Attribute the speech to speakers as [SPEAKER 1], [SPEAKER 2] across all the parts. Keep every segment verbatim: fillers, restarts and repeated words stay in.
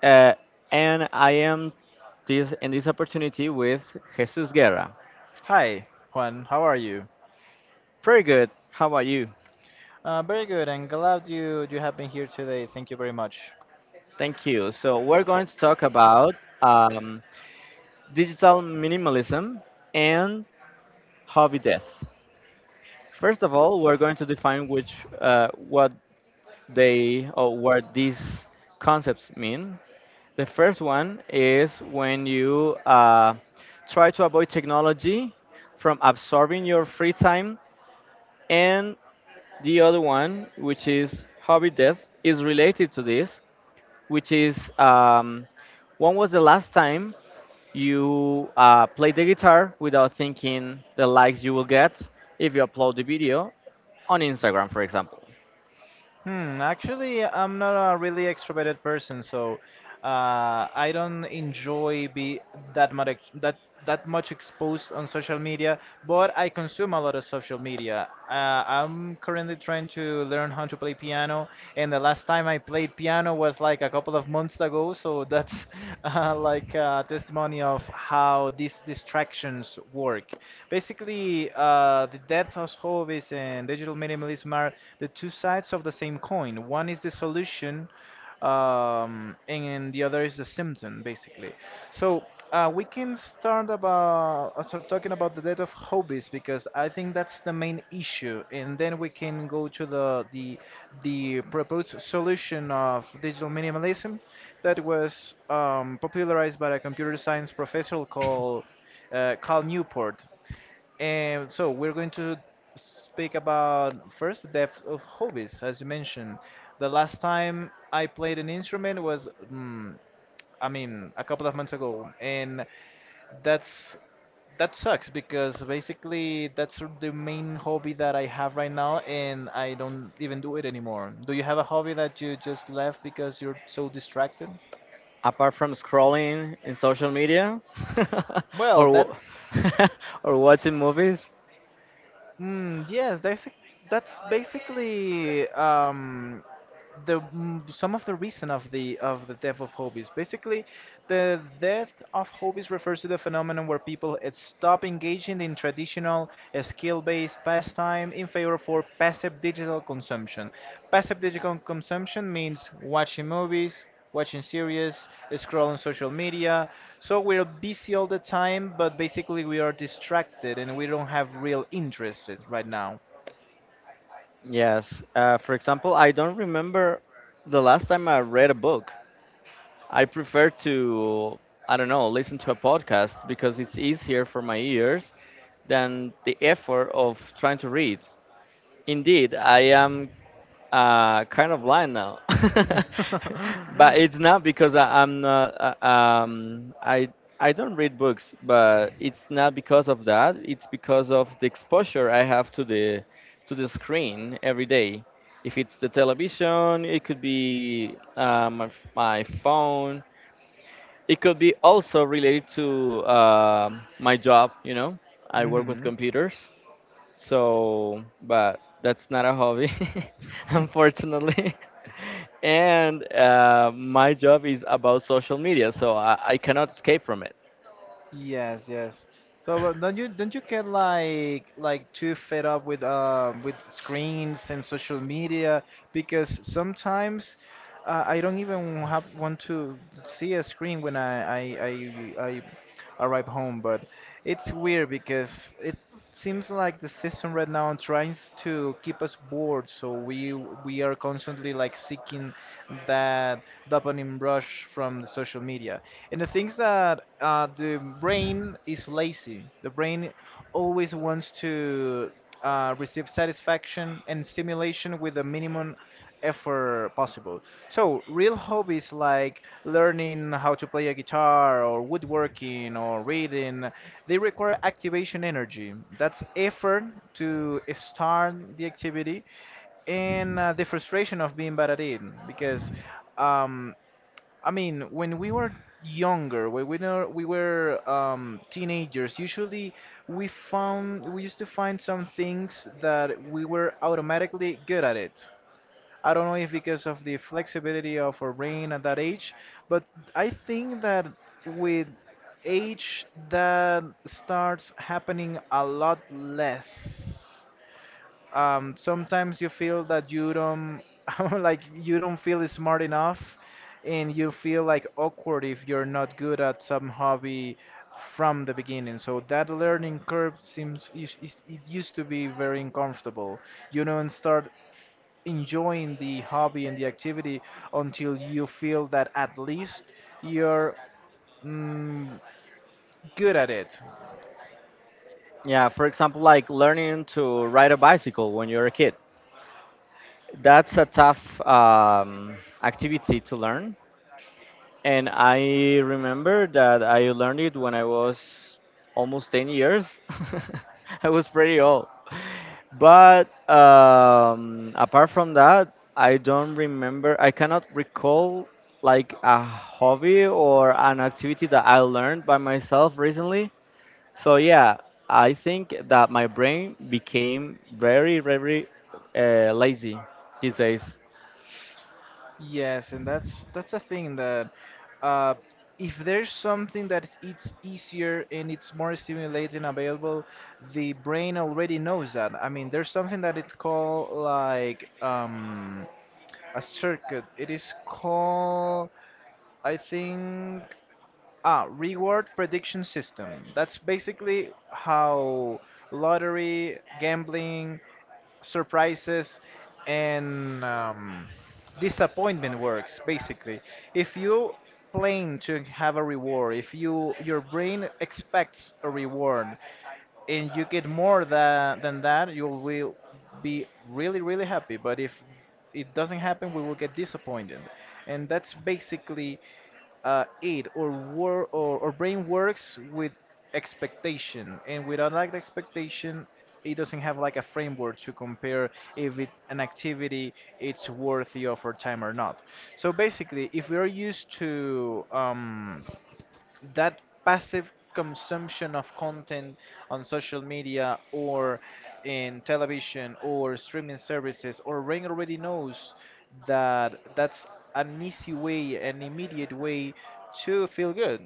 [SPEAKER 1] uh, and I am this in this opportunity with Jesus Guerra.
[SPEAKER 2] Hi, Juan. How are you?
[SPEAKER 1] Very good. How about you?
[SPEAKER 2] Uh, very good, and glad you you have been here today. Thank you very much.
[SPEAKER 1] Thank you. So we're going to talk about um, digital minimalism and hobby death. First of all, we're going to define which uh, what they or what these concepts mean. The first one is when you uh, try to avoid technology from absorbing your free time. And the other one, which is hobby death, is related to this, which is, um, when was the last time you uh, played the guitar without thinking the likes you will get if you upload the video on Instagram, for example?
[SPEAKER 2] Hmm, actually, I'm not a really extroverted person, so uh, I don't enjoy be that much ex- that that much exposed on social media, but I consume a lot of social media. Uh, I'm currently trying to learn how to play piano, and the last time I played piano was like a couple of months ago, so that's uh, like a testimony of how these distractions work. Basically, uh, the death of hobbies minimalists and digital minimalism are the two sides of the same coin. One is the solution, um, and the other is the symptom, basically. So uh, we can start about uh, sort of talking about the death of hobbies because I think that's the main issue, and then we can go to the the the proposed solution of digital minimalism that was um, popularized by a computer science professor called uh, Carl Newport. And so we're going to speak about first the depth of hobbies, as you mentioned. The last time I played an instrument was, mm, I mean, a couple of months ago, and that's that sucks because basically that's the main hobby that I have right now, and I don't even do it anymore. Do you have a hobby that you just left because you're so distracted?
[SPEAKER 1] Apart from scrolling in social media
[SPEAKER 2] Well,
[SPEAKER 1] or,
[SPEAKER 2] that.
[SPEAKER 1] wa- or watching movies.
[SPEAKER 2] Mm, yes, that's that's basically um, the mm, some of the reason of the of the death of hobbies. Basically, the death of hobbies refers to the phenomenon where people uh, stop engaging in traditional uh, skill-based pastime in favor for passive digital consumption. Passive digital consumption means watching movies, watching series, scrolling social media. So we're busy all the time, but basically we are distracted and we don't have real interest in- right now.
[SPEAKER 1] Yes. Uh, for example, I don't remember the last time I read a book. I prefer to, I don't know, listen to a podcast because it's easier for my ears than the effort of trying to read. Indeed, I am uh kind of blind now, but it's not because I, I'm not uh, um i i don't read books. But it's not because of that, it's because of the exposure I have to the to the screen every day. If it's the television, it could be uh, my, my phone. It could be also related to um my job, you know, I work with
[SPEAKER 2] Hmm.
[SPEAKER 1] computers. So, but that's not a hobby, unfortunately. And uh, my job is about social media, so I, I cannot escape from it.
[SPEAKER 2] Yes, yes. So but don't you don't you get like like too fed up with um with screens and social media because sometimes uh, I don't even have want to see a screen when I I, I I arrive home, but it's weird because it seems like the system right now tries to keep us bored, so we we are constantly like seeking that dopamine rush from the social media. And the things that uh, the brain is lazy. The brain always wants to uh, receive satisfaction and stimulation with a minimum effort possible. So, real hobbies like learning how to play a guitar or woodworking or reading, they require activation energy. That's effort to start the activity and uh, the frustration of being bad at it because um, I mean when we were younger when we were, we were um, teenagers usually we found we used to find some things that we were automatically good at it. I don't know if because of the flexibility of our brain at that age, but I think that with age that starts happening a lot less. Um, sometimes you feel that you don't like you don't feel smart enough, and you feel like awkward if you're not good at some hobby from the beginning. So that learning curve seems is- is- it used to be very uncomfortable. You don't start enjoying the hobby and the activity until you feel that at least you're mm, good at it.
[SPEAKER 1] Yeah, for example, like learning to ride a bicycle when you're a kid. That's a tough um, activity to learn. And I remember that I learned it when I was almost ten years. I was pretty old. But um, apart from that, I don't remember, I cannot recall like a hobby or an activity that I learned by myself recently. So yeah, I think that my brain became very, very uh, lazy these days.
[SPEAKER 2] Yes, and that's that's a thing that uh, if there's something that it's easier and it's more stimulating available, the brain already knows that. I mean, there's something that it's called like um, a circuit. It is called, I think. Ah, reward prediction system. That's basically how lottery, gambling, surprises, and um, disappointment works. Basically, if you plan to have a reward, if you your brain expects a reward, and you get more tha- than that, you will be really, really happy. But if it doesn't happen, we will get disappointed. And that's basically uh, it. Or, wor- or, or brain works with expectation. And without that expectation, it doesn't have like a framework to compare if it, an activity it's worthy of our time or not. So basically, if we are used to um, that passive consumption of content on social media or in television or streaming services or Rain already knows that that's an easy way, an immediate way to feel good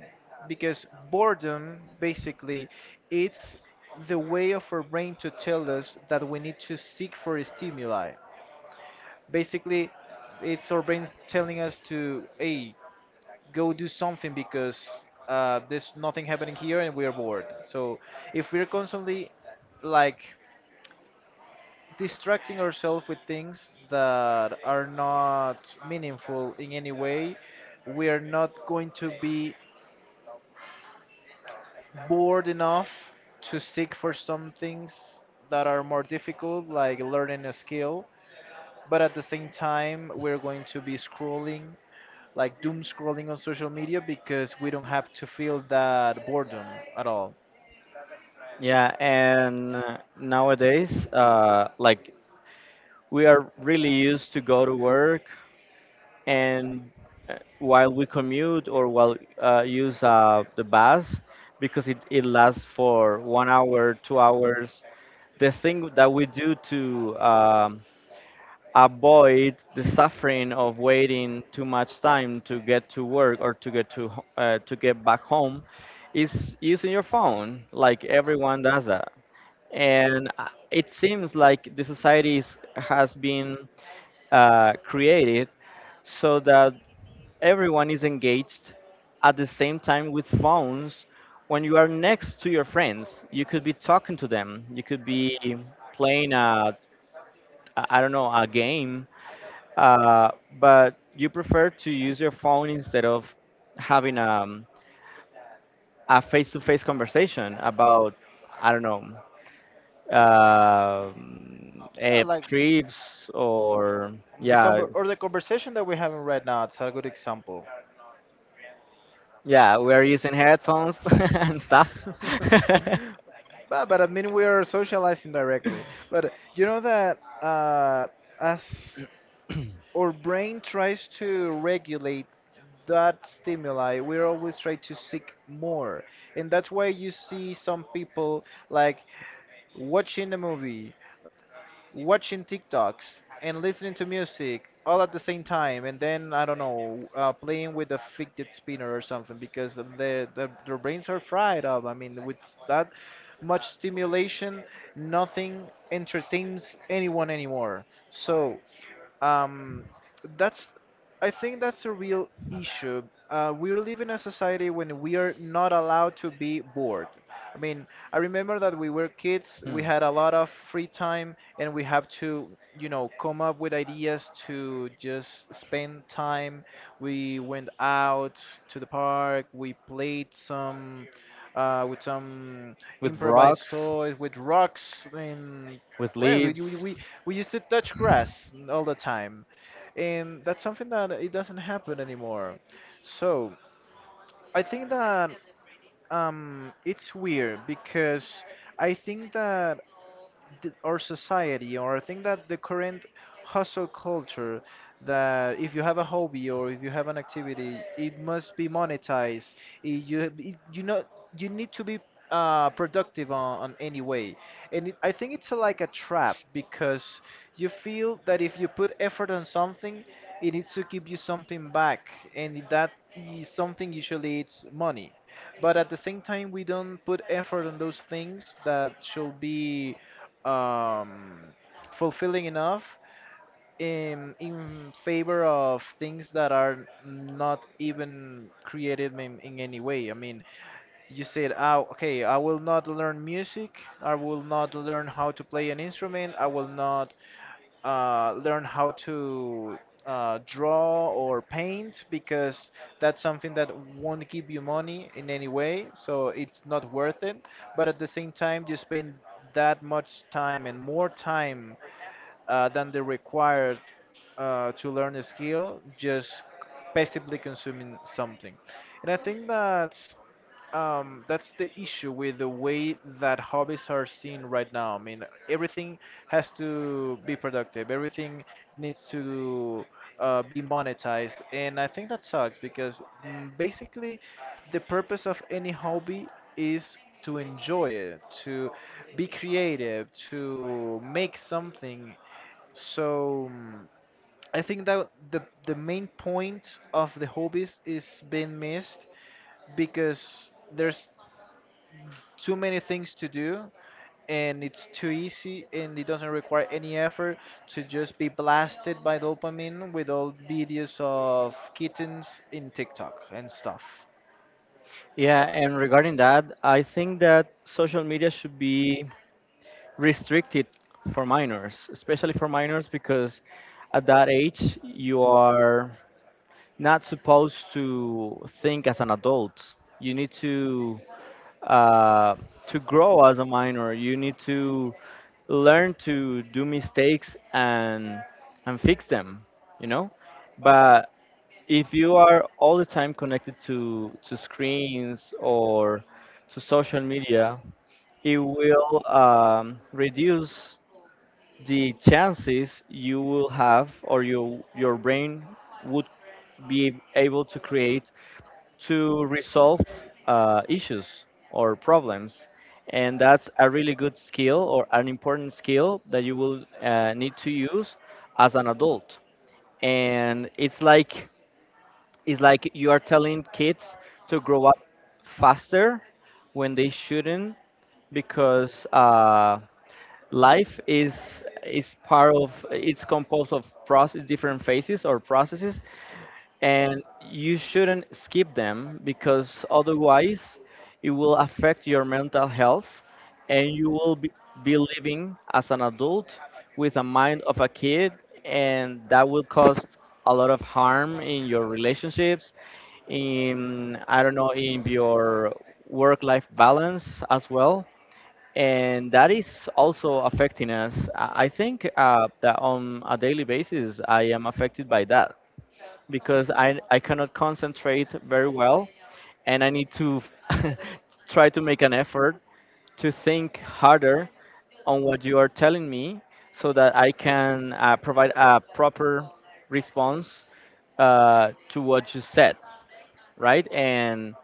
[SPEAKER 2] because boredom basically it's the way of our brain to tell us that we need to seek for stimuli. Basically it's our brain telling us to hey go do something because uh, there's nothing happening here and we are bored. So if we're constantly like distracting ourselves with things that are not meaningful in any way, we are not going to be bored enough to seek for some things that are more difficult, like learning a skill. But at the same time, we're going to be scrolling, like doom scrolling on social media because we don't have to feel that boredom at all.
[SPEAKER 1] Yeah, and uh, nowadays, uh, like we are really used to go to work, and uh, while we commute or while uh, use uh, the bus, because it, it lasts for one hour, two hours, the thing that we do to um, avoid the suffering of waiting too much time to get to work or to get to ho- uh, to get back home is using your phone. Like everyone does that, and uh, it seems like the society is- has been uh, created so that everyone is engaged at the same time with phones. When you are next to your friends, you could be talking to them, you could be playing a a- I don't know, a game, uh, but you prefer to use your phone instead of having, um, a face-to-face conversation about, I don't know, um,
[SPEAKER 2] Yeah,
[SPEAKER 1] eh,
[SPEAKER 2] like
[SPEAKER 1] trips or
[SPEAKER 2] the
[SPEAKER 1] yeah.
[SPEAKER 2] conver or the conversation that we're having right now. It's a good example.
[SPEAKER 1] Yeah, we're using headphones and stuff.
[SPEAKER 2] but, but I mean, we are socializing directly. But you know that uh, as our brain tries to regulate that stimuli, we're always trying to seek more. And that's why you see some people like watching a movie, watching TikToks and listening to music all at the same time, and then I don't know, uh, playing with a fidget spinner or something because their their their brains are fried up. I mean, with that much stimulation, nothing entertains anyone anymore. So um, that's, I think that's a real issue. Uh, we're living in a society when we are not allowed to be bored. I mean, I remember that we were kids,
[SPEAKER 1] Hmm.
[SPEAKER 2] we had a lot of free time, and we have to, you know, come up with ideas to just spend time. We went out to the park, we played some, uh, with some
[SPEAKER 1] With
[SPEAKER 2] improvised
[SPEAKER 1] rocks.
[SPEAKER 2] toys, with rocks, and
[SPEAKER 1] With
[SPEAKER 2] well, we, we,
[SPEAKER 1] leaves.
[SPEAKER 2] we we used to touch grass all the time, and that's something that it doesn't happen anymore. So I think that um, it's weird because I think that th- our society or I think that the current hustle culture that if you have a hobby or if you have an activity it must be monetized. It- you it- you know you need to be uh, productive on, on any way and it, I think it's a, like a trap because you feel that if you put effort on something it needs to give you something back and that is something usually it's money but at the same time we don't put effort on those things that should be um, fulfilling enough in in favor of things that are not even creative in, in any way. I mean, you said, "Oh, okay, I will not learn music. I will not learn how to play an instrument. I will not uh, learn how to uh, draw or paint because that's something that won't give you money in any way, so it's not worth it. But at the same time, you spend that much time and more time uh, than the required uh, to learn a skill just passively consuming something. And I think that's um, that's the issue with the way that hobbies are seen right now. I mean, everything has to be productive. Everything needs to uh, be monetized, and I think that sucks because mm, basically, the purpose of any hobby is to enjoy it, to be creative, to make something. So mm, I think that the the main point of the hobbies is being missed because there's too many things to do and it's too easy and it doesn't require any effort to just be blasted by dopamine with all videos of kittens in TikTok and stuff.
[SPEAKER 1] Yeah, and regarding that, I think that social media should be restricted for minors, especially for minors, because at that age you are not supposed to think as an adult. You need to uh, to grow as a minor. You need to learn to do mistakes and and fix them, you know. But if you are all the time connected to to screens or to social media, it will, um, reduce the chances you will have, or you, your brain would be able to create, to resolve uh, issues or problems. And that's a really good skill or an important skill that you will uh, need to use as an adult. And it's like it's like you are telling kids to grow up faster when they shouldn't, because uh, life is is part of it's composed of process different phases or processes, and you shouldn't skip them because otherwise it will affect your mental health, and you will be, be living as an adult with a mind of a kid, and that will cause a lot of harm in your relationships, in I don't know, in your work life balance as well. And that is also affecting us. i I think uh, that on a daily basis I am affected by that, because I I cannot concentrate very well, and I need to try to make an effort to think harder on what you are telling me, so that I can uh, provide a proper response uh, to what you said, right? And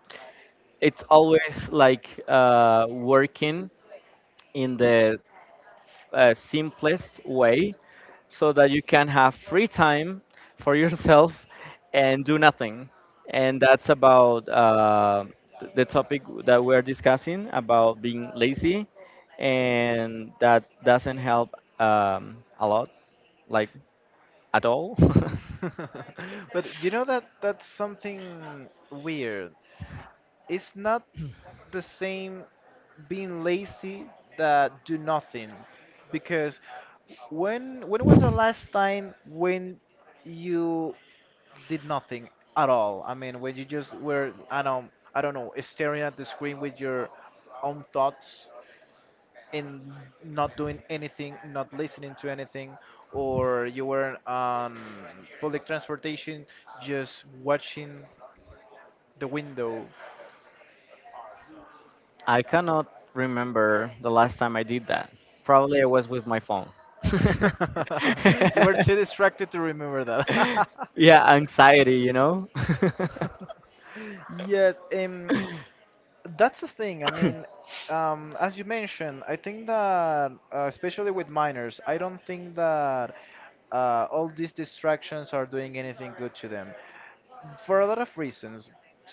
[SPEAKER 1] it's always like uh, working in the uh, simplest way so that you can have free time for yourself and do nothing. And that's about uh, th- the topic that we're discussing about being lazy, and that doesn't help um, a lot, like at all.
[SPEAKER 2] But you know that that's something weird. It's not the same being lazy that do nothing because when when was the last time when you did nothing at all. I mean, when you just were, I don't, I don't know, staring at the screen with your own thoughts and not doing anything, not listening to anything, or you were on public transportation just watching the window.
[SPEAKER 1] I cannot remember the last time I did that. Probably I was with my phone.
[SPEAKER 2] You were too distracted to remember that.
[SPEAKER 1] Yeah, anxiety, you know?
[SPEAKER 2] Yes. Um. That's the thing. I mean, um, as you mentioned, I think that, uh, especially with minors, I don't think that uh, all these distractions are doing anything good to them for a lot of reasons.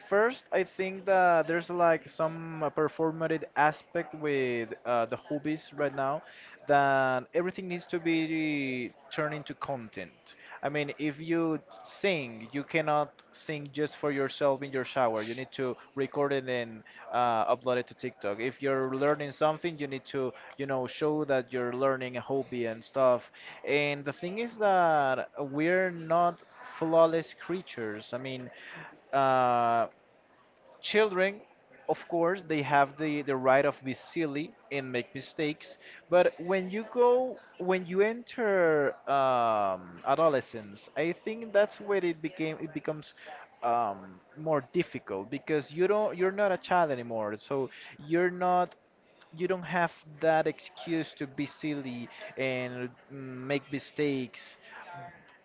[SPEAKER 2] First, I think that there's like some uh, performative aspect with uh, the hobbies right now that everything needs to be turned into content. I mean, if you sing, you cannot sing just for yourself in your shower. You need to record it and uh, upload it to TikTok. If you're learning something, you need to, you know, show that you're learning a hobby and stuff. And the thing is that we're not flawless creatures. I mean, uh, children, of course, they have the, the right of be silly and make mistakes. But when you go when you enter um, adolescence, I think that's where it became it becomes um, more difficult because you don't you're not a child anymore, so you're not, you don't have that excuse to be silly and mm, make mistakes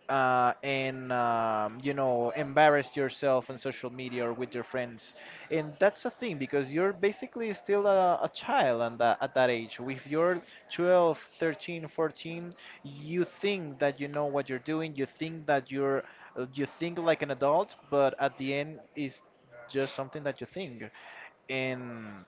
[SPEAKER 2] uh, and um, you know, embarrass yourself on social media or with your friends. And that's the thing, because you're basically still a, a child, and that, at that age, if you're twelve thirteen fourteen, you think that you know what you're doing. You think that you're uh, you think like an adult, but at the end it's just something that you think. and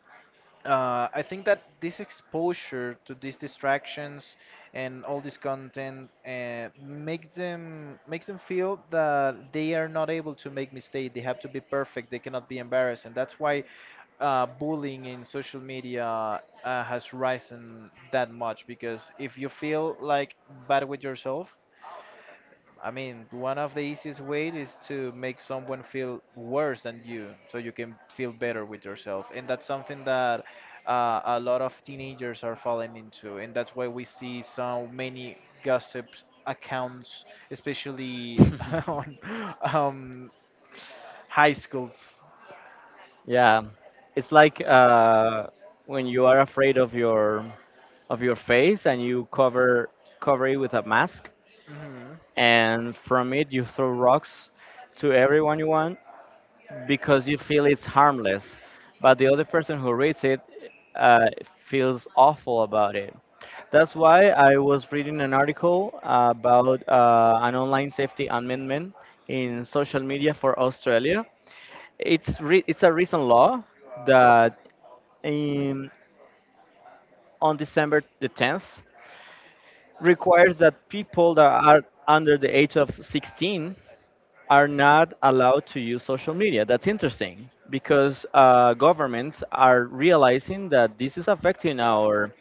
[SPEAKER 2] uh, I think that this exposure to these distractions and all this content uh, makes them makes them feel that they are not able to make mistakes. They have to be perfect. They cannot be embarrassed, and that's why uh, bullying in social media uh, has risen that much. Because if you feel like bad with yourself, I mean, one of the easiest ways is to make someone feel worse than you, so you can feel better with yourself. And that's something that uh, a lot of teenagers are falling into, and that's why we see so many gossip accounts, especially on um, high schools.
[SPEAKER 1] Yeah, it's like uh, when you are afraid of your of your face and you cover cover it with a mask,
[SPEAKER 2] Hmm.
[SPEAKER 1] and from it you throw rocks to everyone you want, because you feel it's harmless, but the other person who reads it uh, feels awful about it. That's why I was reading an article about uh, an online safety amendment in social media for Australia. It's re- it's a recent law that in, on December the tenth requires that people that are under the age of sixteen are not allowed to use social media. That's interesting because uh, governments are realizing that this is affecting our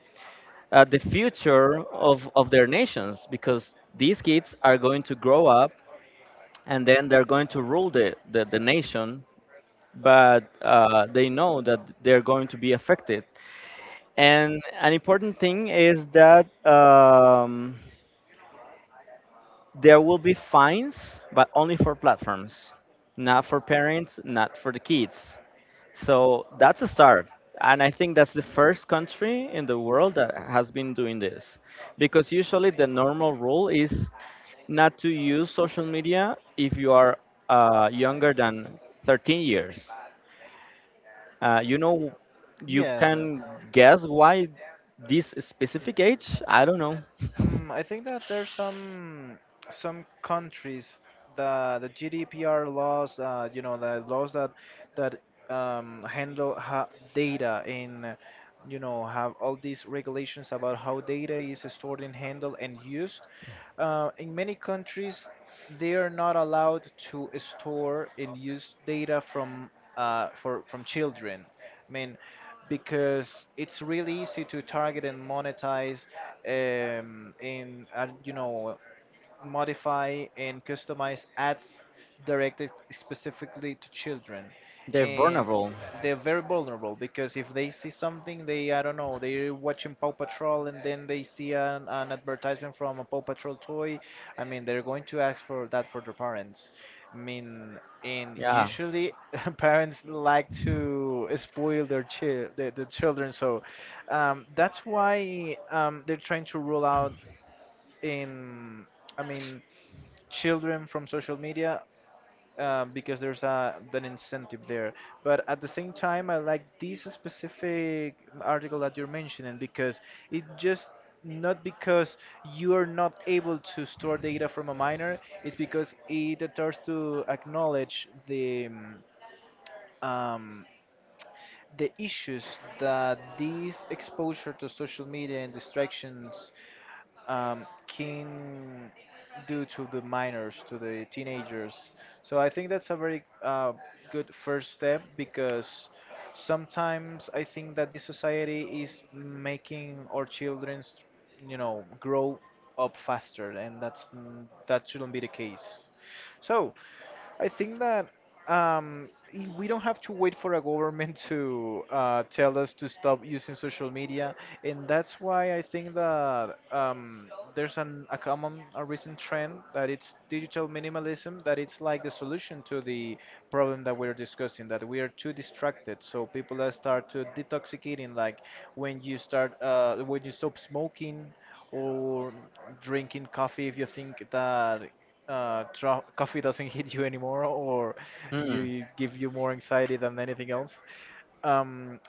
[SPEAKER 1] uh, the future of, of their nations, because these kids are going to grow up, and then they're going to rule the, the, the nation. But uh, they know that they're going to be affected. And an important thing is that, um, there will be fines, but only for platforms, not for parents, not for the kids. So that's a start. And I think that's the first country in the world that has been doing this. Because usually the normal rule is not to use social media if you are uh, younger than thirteen years. Uh, you know, you
[SPEAKER 2] Yeah. so-
[SPEAKER 1] can guess why this specific age? I don't know.
[SPEAKER 2] Um, I think that there's some some countries that the G D P R laws, uh, you know, the laws that that um, handle ha data, and you know, have all these regulations about how data is stored and handled and used. Uh, in many countries, they are not allowed to store and use data from uh, for from children. I mean, because it's really easy to target and monetize, um, in uh, you know, modify and customize ads directed specifically to children.
[SPEAKER 1] They're
[SPEAKER 2] And
[SPEAKER 1] vulnerable.
[SPEAKER 2] they're very vulnerable because if they see something, they, I don't know, they're watching Paw Patrol, and then they see an, an advertisement from a Paw Patrol toy. I mean, they're going to ask for that for their parents. I mean, and
[SPEAKER 1] Yeah.
[SPEAKER 2] usually parents like to spoil their chi- the, the children. So um, that's why um, they're trying to rule out in, I mean, children from social media, uh, because there's a an incentive there. But at the same time, I like this specific article that you're mentioning because it just, not because you are not able to store data from a minor, it's because it starts to acknowledge the um, um, the issues that this exposure to social media and distractions um, can do to the minors, to the teenagers. So I think that's a very uh, good first step because sometimes I think that this society is making our children, you know, grow up faster, and that's n- that shouldn't be the case. So. I think that um, i- we don't have to wait for a government to uh, tell us to stop using social media. And that's why I think that um, there's an, a common, a recent trend that it's digital minimalism, that it's like the solution to the problem that we're discussing, that we are too distracted. So people that start to detoxicating, like when you start, uh, when you stop smoking or drinking coffee, if you think that uh, tra- coffee doesn't hit you anymore, or
[SPEAKER 1] Hmm.
[SPEAKER 2] you give you more anxiety than anything else. Um,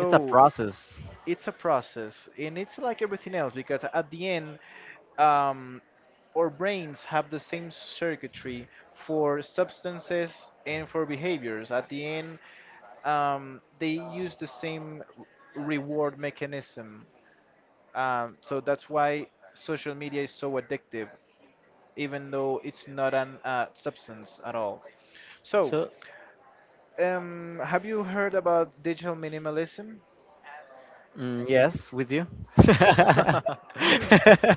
[SPEAKER 1] It's a process.
[SPEAKER 2] it's a process, and it's like everything else because at the end, um, our brains have the same circuitry for substances and for behaviors. At the end, um, they use the same r- reward mechanism. Um, so that's why social media is so addictive even though it's not an uh, substance at all. So,
[SPEAKER 1] So,
[SPEAKER 2] um, have you heard about digital minimalism?
[SPEAKER 1] mm, yes, with you.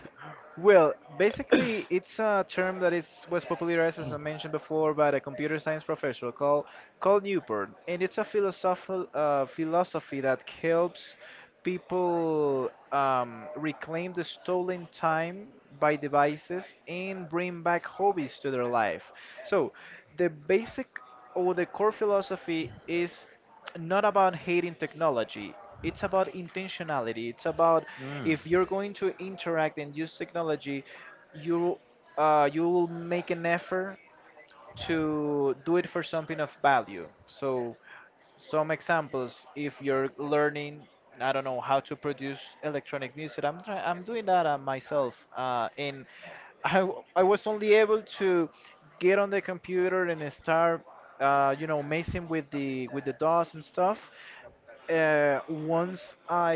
[SPEAKER 2] Well, basically, it's a term that is was popularized, as I mentioned before, by the computer science professor called Carl Newport, and it's a philosophical uh, philosophy that helps people um, reclaim the stolen time by devices and bring back hobbies to their life. So, the basic or the core philosophy is not about hating technology. It's about intentionality. It's about,
[SPEAKER 1] Hmm.
[SPEAKER 2] if you're going to interact and use technology, you uh, you will make an effort to do it for something of value. So, some examples, if you're learning, I don't know, how to produce electronic music, i'm try- i'm doing that uh, myself, uh, and I, w- I was only able to get on the computer and start, uh, you know, messing with the with the D O S and stuff, uh, once I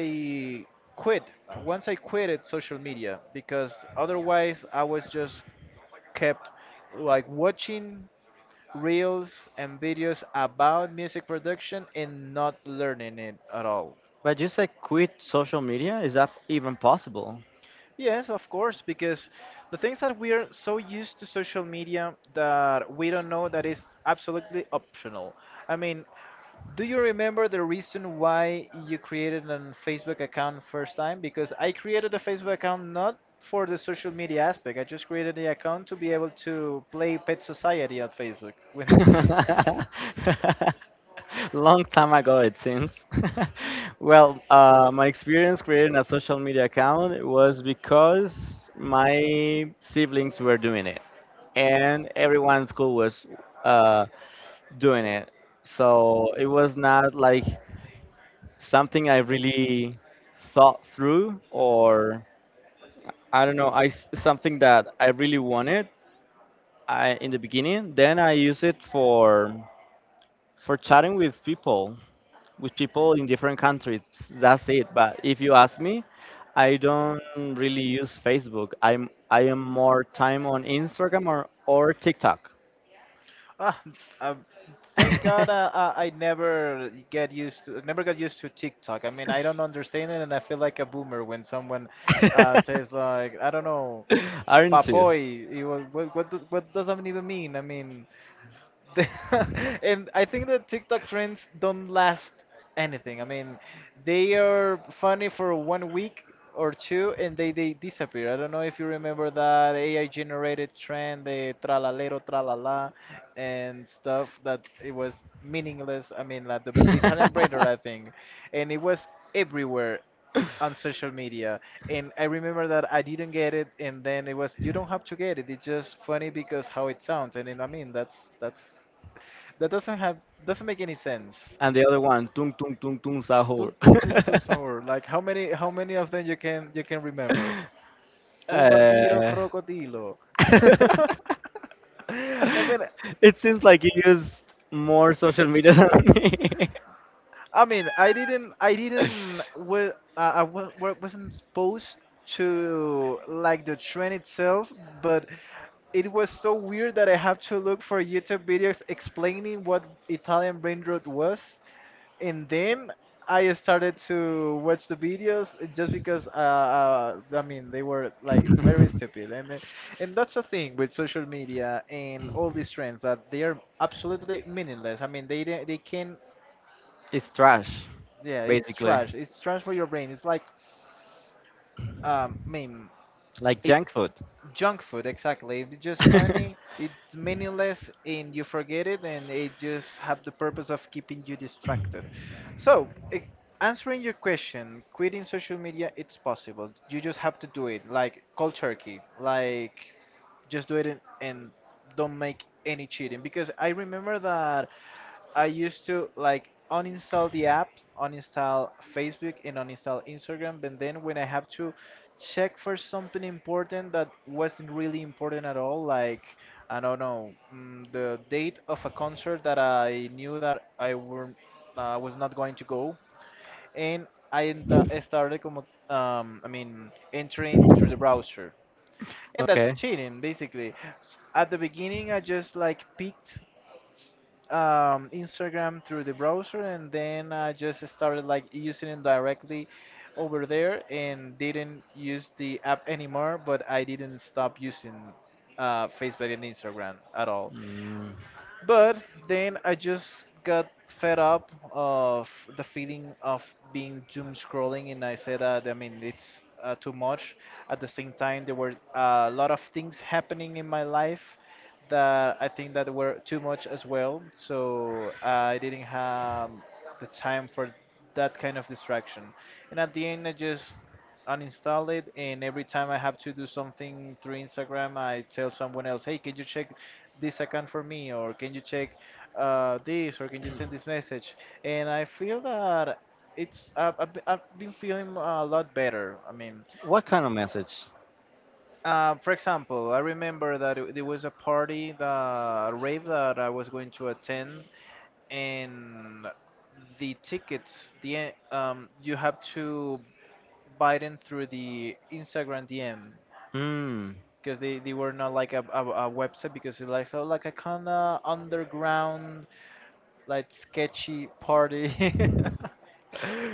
[SPEAKER 2] quit, once I quitted social media, because otherwise I was just kept like watching reels and videos about music production and not learning it at all.
[SPEAKER 1] But you say quit social media? Is that even possible?
[SPEAKER 2] Yes, of course, because the things that we are so used to social media that we don't know that is absolutely optional. I mean, do you remember the reason why you created a Facebook account first time? Because I created a Facebook account not for the social media aspect. I just created the account to be able to play Pet Society on Facebook. When
[SPEAKER 1] Long time ago, it seems. Well, uh, my experience creating a social media account was because my siblings were doing it, and everyone in school was uh, doing it. So it was not like something I really thought through, or I don't know, I s- something that I really wanted I, in the beginning. Then I use it for for chatting with people, with people in different countries. That's it. But if you ask me, I don't really use Facebook. I'm I am more time on Instagram or, or TikTok.
[SPEAKER 2] ah, um, thank God, uh, I, I never get used to never got used to TikTok. I mean, I don't understand it, and I feel like a boomer when someone uh, says like, I don't know,
[SPEAKER 1] Aren't you?
[SPEAKER 2] papoy. You, what what does, what does that even mean? I mean. The- and I think that TikTok trends don't last anything. I mean, they are funny for one week or two, and they, they disappear. I don't know if you remember that A I generated trend, the tralalero, tralala, and stuff that it was meaningless. I mean, like the Italian brainer, I think. And it was everywhere on social media. And I remember that I didn't get it, and then it was, you don't have to get it, it's just funny because how it sounds. And then, I mean, that's that's that doesn't have, doesn't make any sense.
[SPEAKER 1] And the other one, tung tung tung tung
[SPEAKER 2] Tun
[SPEAKER 1] sahur.
[SPEAKER 2] tun tun tun sour. Like how many how many of them you can you can remember? Bombardiro
[SPEAKER 1] Uh,
[SPEAKER 2] crocodilo. I mean.
[SPEAKER 1] it seems like you used more social media than me.
[SPEAKER 2] I mean, I didn't, I didn't, well, uh, I wa- wa- wasn't exposed to like the trend itself, but it was so weird that I have to look for YouTube videos explaining what Italian brain rot was, and then I started to watch the videos just because, uh, uh, I mean, they were like very stupid. I mean, and that's the thing with social media and all these trends, that they are absolutely meaningless. I mean, they didn't- they can,
[SPEAKER 1] It's trash,
[SPEAKER 2] yeah, it's
[SPEAKER 1] basically,
[SPEAKER 2] trash. It's trash for your brain. It's like, um, I mean,
[SPEAKER 1] like junk food.
[SPEAKER 2] junk food, exactly. It's just funny, it's meaningless, and you forget it, and it just have the purpose of keeping you distracted. So, i- answering your question, quitting social media, it's possible. You just have to do it, like cold turkey, like just do it, and, and don't make any cheating. Because I remember that, I used to like uninstall the app, uninstall Facebook, and uninstall Instagram. But then when I have to check for something important that wasn't really important at all, like, I don't know, mm, the date of a concert that I knew that I were, uh, was not going to go, and I enta- I started como, um, I mean, entering through the browser. And that's
[SPEAKER 1] Okay.
[SPEAKER 2] cheating, basically. S- At the beginning, I just like picked um, Instagram through the browser, and then I just started like using it directly over there, and didn't use the app anymore. But I didn't stop using uh, Facebook and Instagram at all.
[SPEAKER 1] Mm.
[SPEAKER 2] But then I just got fed up of the feeling of being doom scrolling, and I said, that, I mean, it's uh, too much. At the same time, there were uh, a lot of things happening in my life that I think that were too much as well. So uh, I didn't have the time for that kind of distraction. And at the end, I just uninstall it, and every time I have to do something through Instagram, I tell someone else, hey, can you check this account for me, or can you check uh, this, or can you send this message. And I feel that it's, I've, I've been I've been feeling a lot better. I mean,
[SPEAKER 1] What kind of message?
[SPEAKER 2] uh, for example, I remember that it- there was a party, the rave that I was going to attend, and the tickets, the, um, you have to buy them through the Instagram D M
[SPEAKER 1] Hmm.
[SPEAKER 2] because they, they were not like a, a, a website, because it's like so, like a kind of underground, like sketchy party.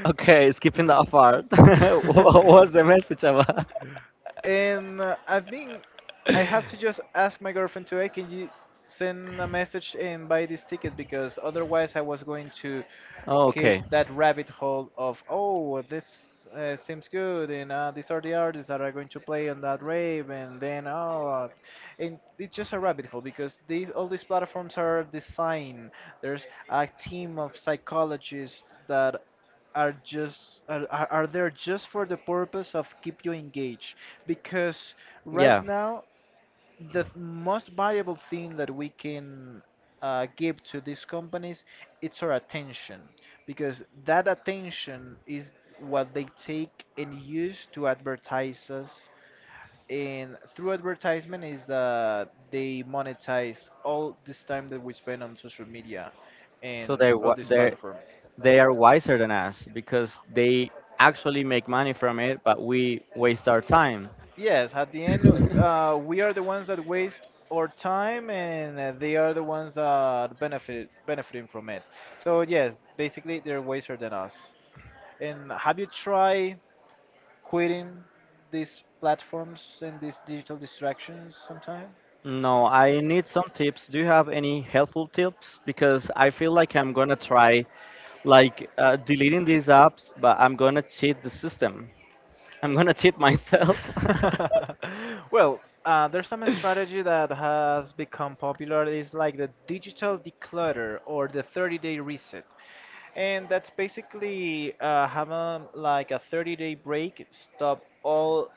[SPEAKER 1] Okay, skipping that part. What was the message about?
[SPEAKER 2] and uh, i think I have to just ask my girlfriend to, hey, can you send a message and buy this ticket? Because otherwise I was going to
[SPEAKER 1] Oh,
[SPEAKER 2] keep
[SPEAKER 1] okay.
[SPEAKER 2] that rabbit hole of, oh, this uh, seems good, and uh, these are the artists that are going to play on that rave, and then, oh, uh, and it's just a rabbit hole because these all these platforms are designed. There's a team of psychologists that are just are, are are there just for the purpose of keep you engaged because right
[SPEAKER 1] Yeah.
[SPEAKER 2] now the th- most valuable thing that we can uh, give to these companies, it's our attention, because that attention is what they take and use to advertise us, and through advertisement is that they monetize all this time that we spend on social media
[SPEAKER 1] So
[SPEAKER 2] and
[SPEAKER 1] they
[SPEAKER 2] all
[SPEAKER 1] wa-
[SPEAKER 2] these
[SPEAKER 1] they
[SPEAKER 2] platforms.
[SPEAKER 1] they are wiser than us, because they actually make money from it, but we waste our time.
[SPEAKER 2] Yes, at the end, uh, we are the ones that waste our time, and uh, they are the ones that benefit benefiting from it. So yes, basically they're wiser than us. And have you tried quitting these platforms and these digital distractions sometime?
[SPEAKER 1] No, I need some tips. Do you have any helpful tips? Because I feel like I'm gonna try like uh, deleting these apps, but I'm gonna cheat the system. I'm gonna cheat myself.
[SPEAKER 2] Well, uh, there's some strategy that has become popular. It's like the digital declutter or the thirty-day reset. And that's basically uh, having like a thirty-day break, stop all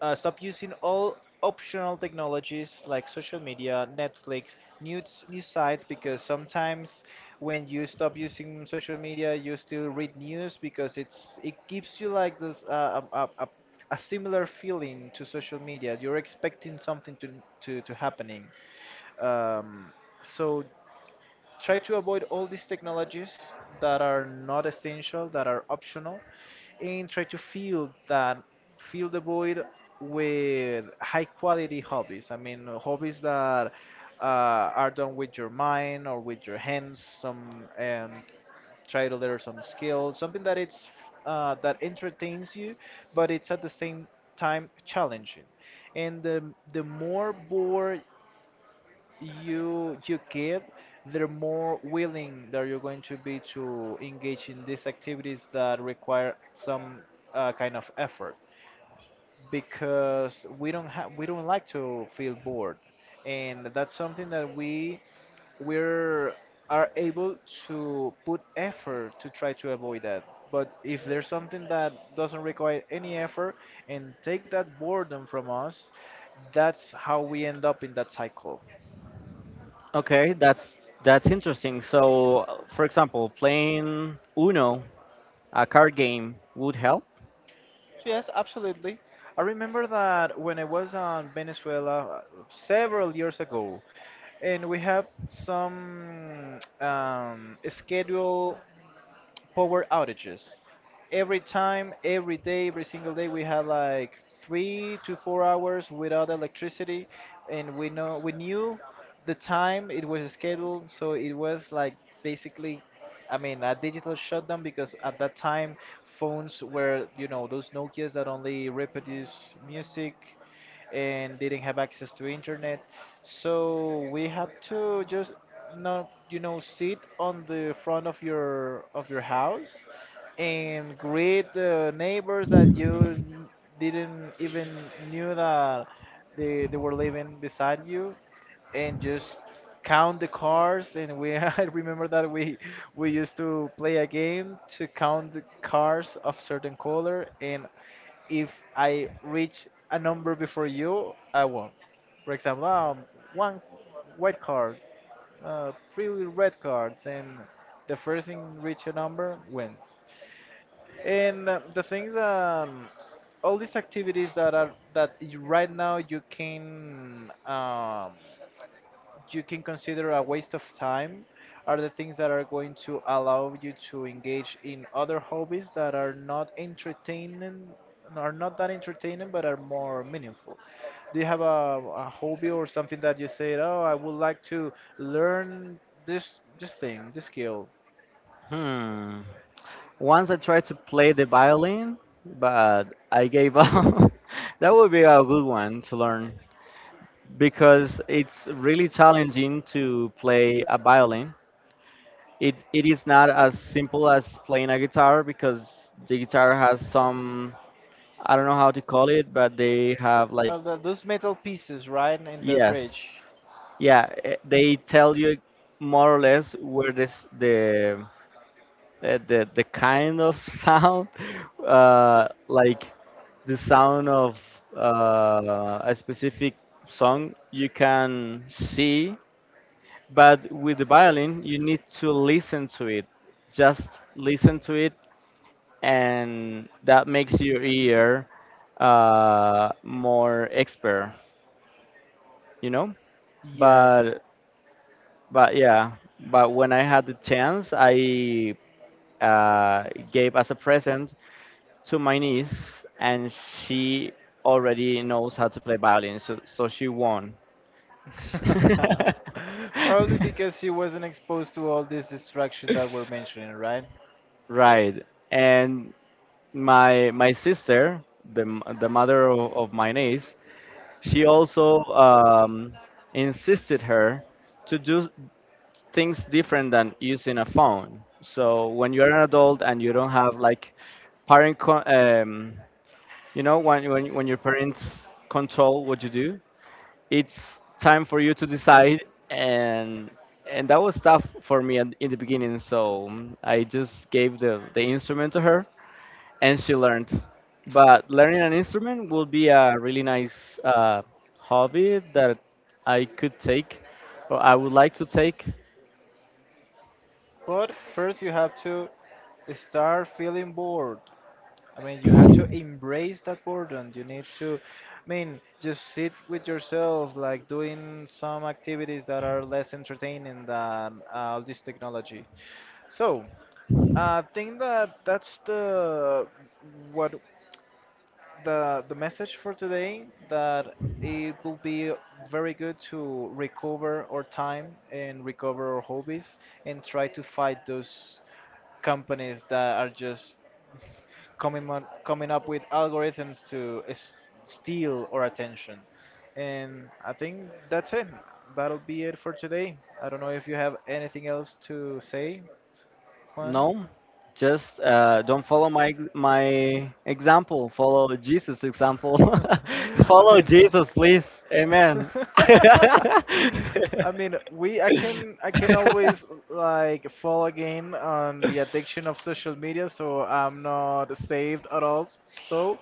[SPEAKER 2] uh, stop using all optional technologies like social media, Netflix, news news sites, because sometimes when you stop using social media, you still read news because it's it gives you like this uh, a, a, a a similar feeling to social media. You're expecting something to to, to happening. Um, so try to avoid all these technologies that are not essential, that are optional, and try to fill that fill the void with high quality hobbies. I mean, hobbies that uh, are done with your mind or with your hands. Some um, Try to learn some skills, something that it's uh, that entertains you, but it's at the same time challenging. And the, the more bored you you get, the more willing that you're going to be to engage in these activities that require some uh, kind of effort. Because we don't have we don't like to feel bored, and that's something that we we're are able to put effort to try to avoid that. But if there's something that doesn't require any effort and take that boredom from us, that's how we end up in that cycle.
[SPEAKER 1] Okay, that's that's interesting. So, uh, for example, playing Uno, a card game, would help.
[SPEAKER 2] So yes, absolutely. I remember that when I was on Venezuela uh, several years ago, and we have some um, schedule power outages. Every time, every day, every single day, we had like three to four hours without electricity, and we know we knew the time it was scheduled, so it was like basically, I mean, a digital shutdown, because at that time phones were, you know, those Nokias that only reproduce music and didn't have access to internet. So we have to just not, you know, sit on the front of your of your house and greet the neighbors that you n- didn't even knew that they, they were living beside you, and just count the cars. And we, I remember that we we used to play a game to count the cars of certain color, and if I reach a number before you, I won. For example, um, one white card, uh, three red cards, and the first thing reach a number wins. And uh, the things, um, all these activities that are that you, right now you can, um, you can consider a waste of time, are the things that are going to allow you to engage in other hobbies that are not entertaining are not that entertaining but are more meaningful. Do you have a, a hobby or something that you say, oh, I would like to learn this this thing, this skill?
[SPEAKER 1] Hmm. Once I tried to play the violin, but I gave up. That would be a good one to learn, because it's really challenging to play a violin. It it is not as simple as playing a guitar, because the guitar has some, I don't know how to call it, but they have like,
[SPEAKER 2] Oh, the, those metal pieces, right, in the, yes,
[SPEAKER 1] yes.
[SPEAKER 2] bridge.
[SPEAKER 1] Yeah, eh, they tell you more or less where this the eh, the the kind of sound, uh, like the sound of uh, a specific song you can see, but with the violin you need to listen to it. Just listen to it, and that makes your ear uh, more expert, you know.
[SPEAKER 2] Yes, yes.
[SPEAKER 1] But But yeah, but when I had the chance, I uh, gave as a present to my niece, and she already knows how to play violin, so so she won.
[SPEAKER 2] Probably because he wasn't exposed to all this distraction that we're mentioning, right?
[SPEAKER 1] Right. And my my sister, the m- the mother of, of my niece, she also, um, insisted her to do things different than using a phone. So when you're an adult and you don't have like parent, con- um, you know, when, when when your parents control what you do, it's time for you to decide. And and that was tough for me in in the beginning. So mm, I just gave the the instrument to her, and she learned. But learning an instrument will be a really nice uh, hobby that I could take, or I would like to take.
[SPEAKER 2] But first, you have to start feeling bored. I mean, you have to embrace that boredom. You need to, I mean, just sit with yourself, like doing some activities that are less entertaining than uh, all this technology. So, uh, I think that that's the what the the message for today, that it will be very good to recover our time and recover our hobbies, and try to fight those companies that are just coming on, coming up with algorithms to s- steal our attention. And I think that's it. That'll be it for today. I don't know if you have anything else to say, Juan.
[SPEAKER 1] No, just uh, don't follow my ex- my example. Follow Jesus' example.
[SPEAKER 2] I
[SPEAKER 1] Follow
[SPEAKER 2] mean,
[SPEAKER 1] Jesus, please. Amen.
[SPEAKER 2] I mean, we I can I can always like fall again on the addiction of social media, so I'm not saved at all. So,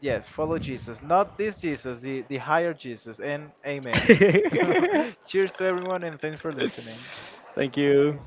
[SPEAKER 2] yes, follow Jesus, not this Jesus, the the higher Jesus, and amen. Cheers to everyone, and thanks for listening.
[SPEAKER 1] Thank you.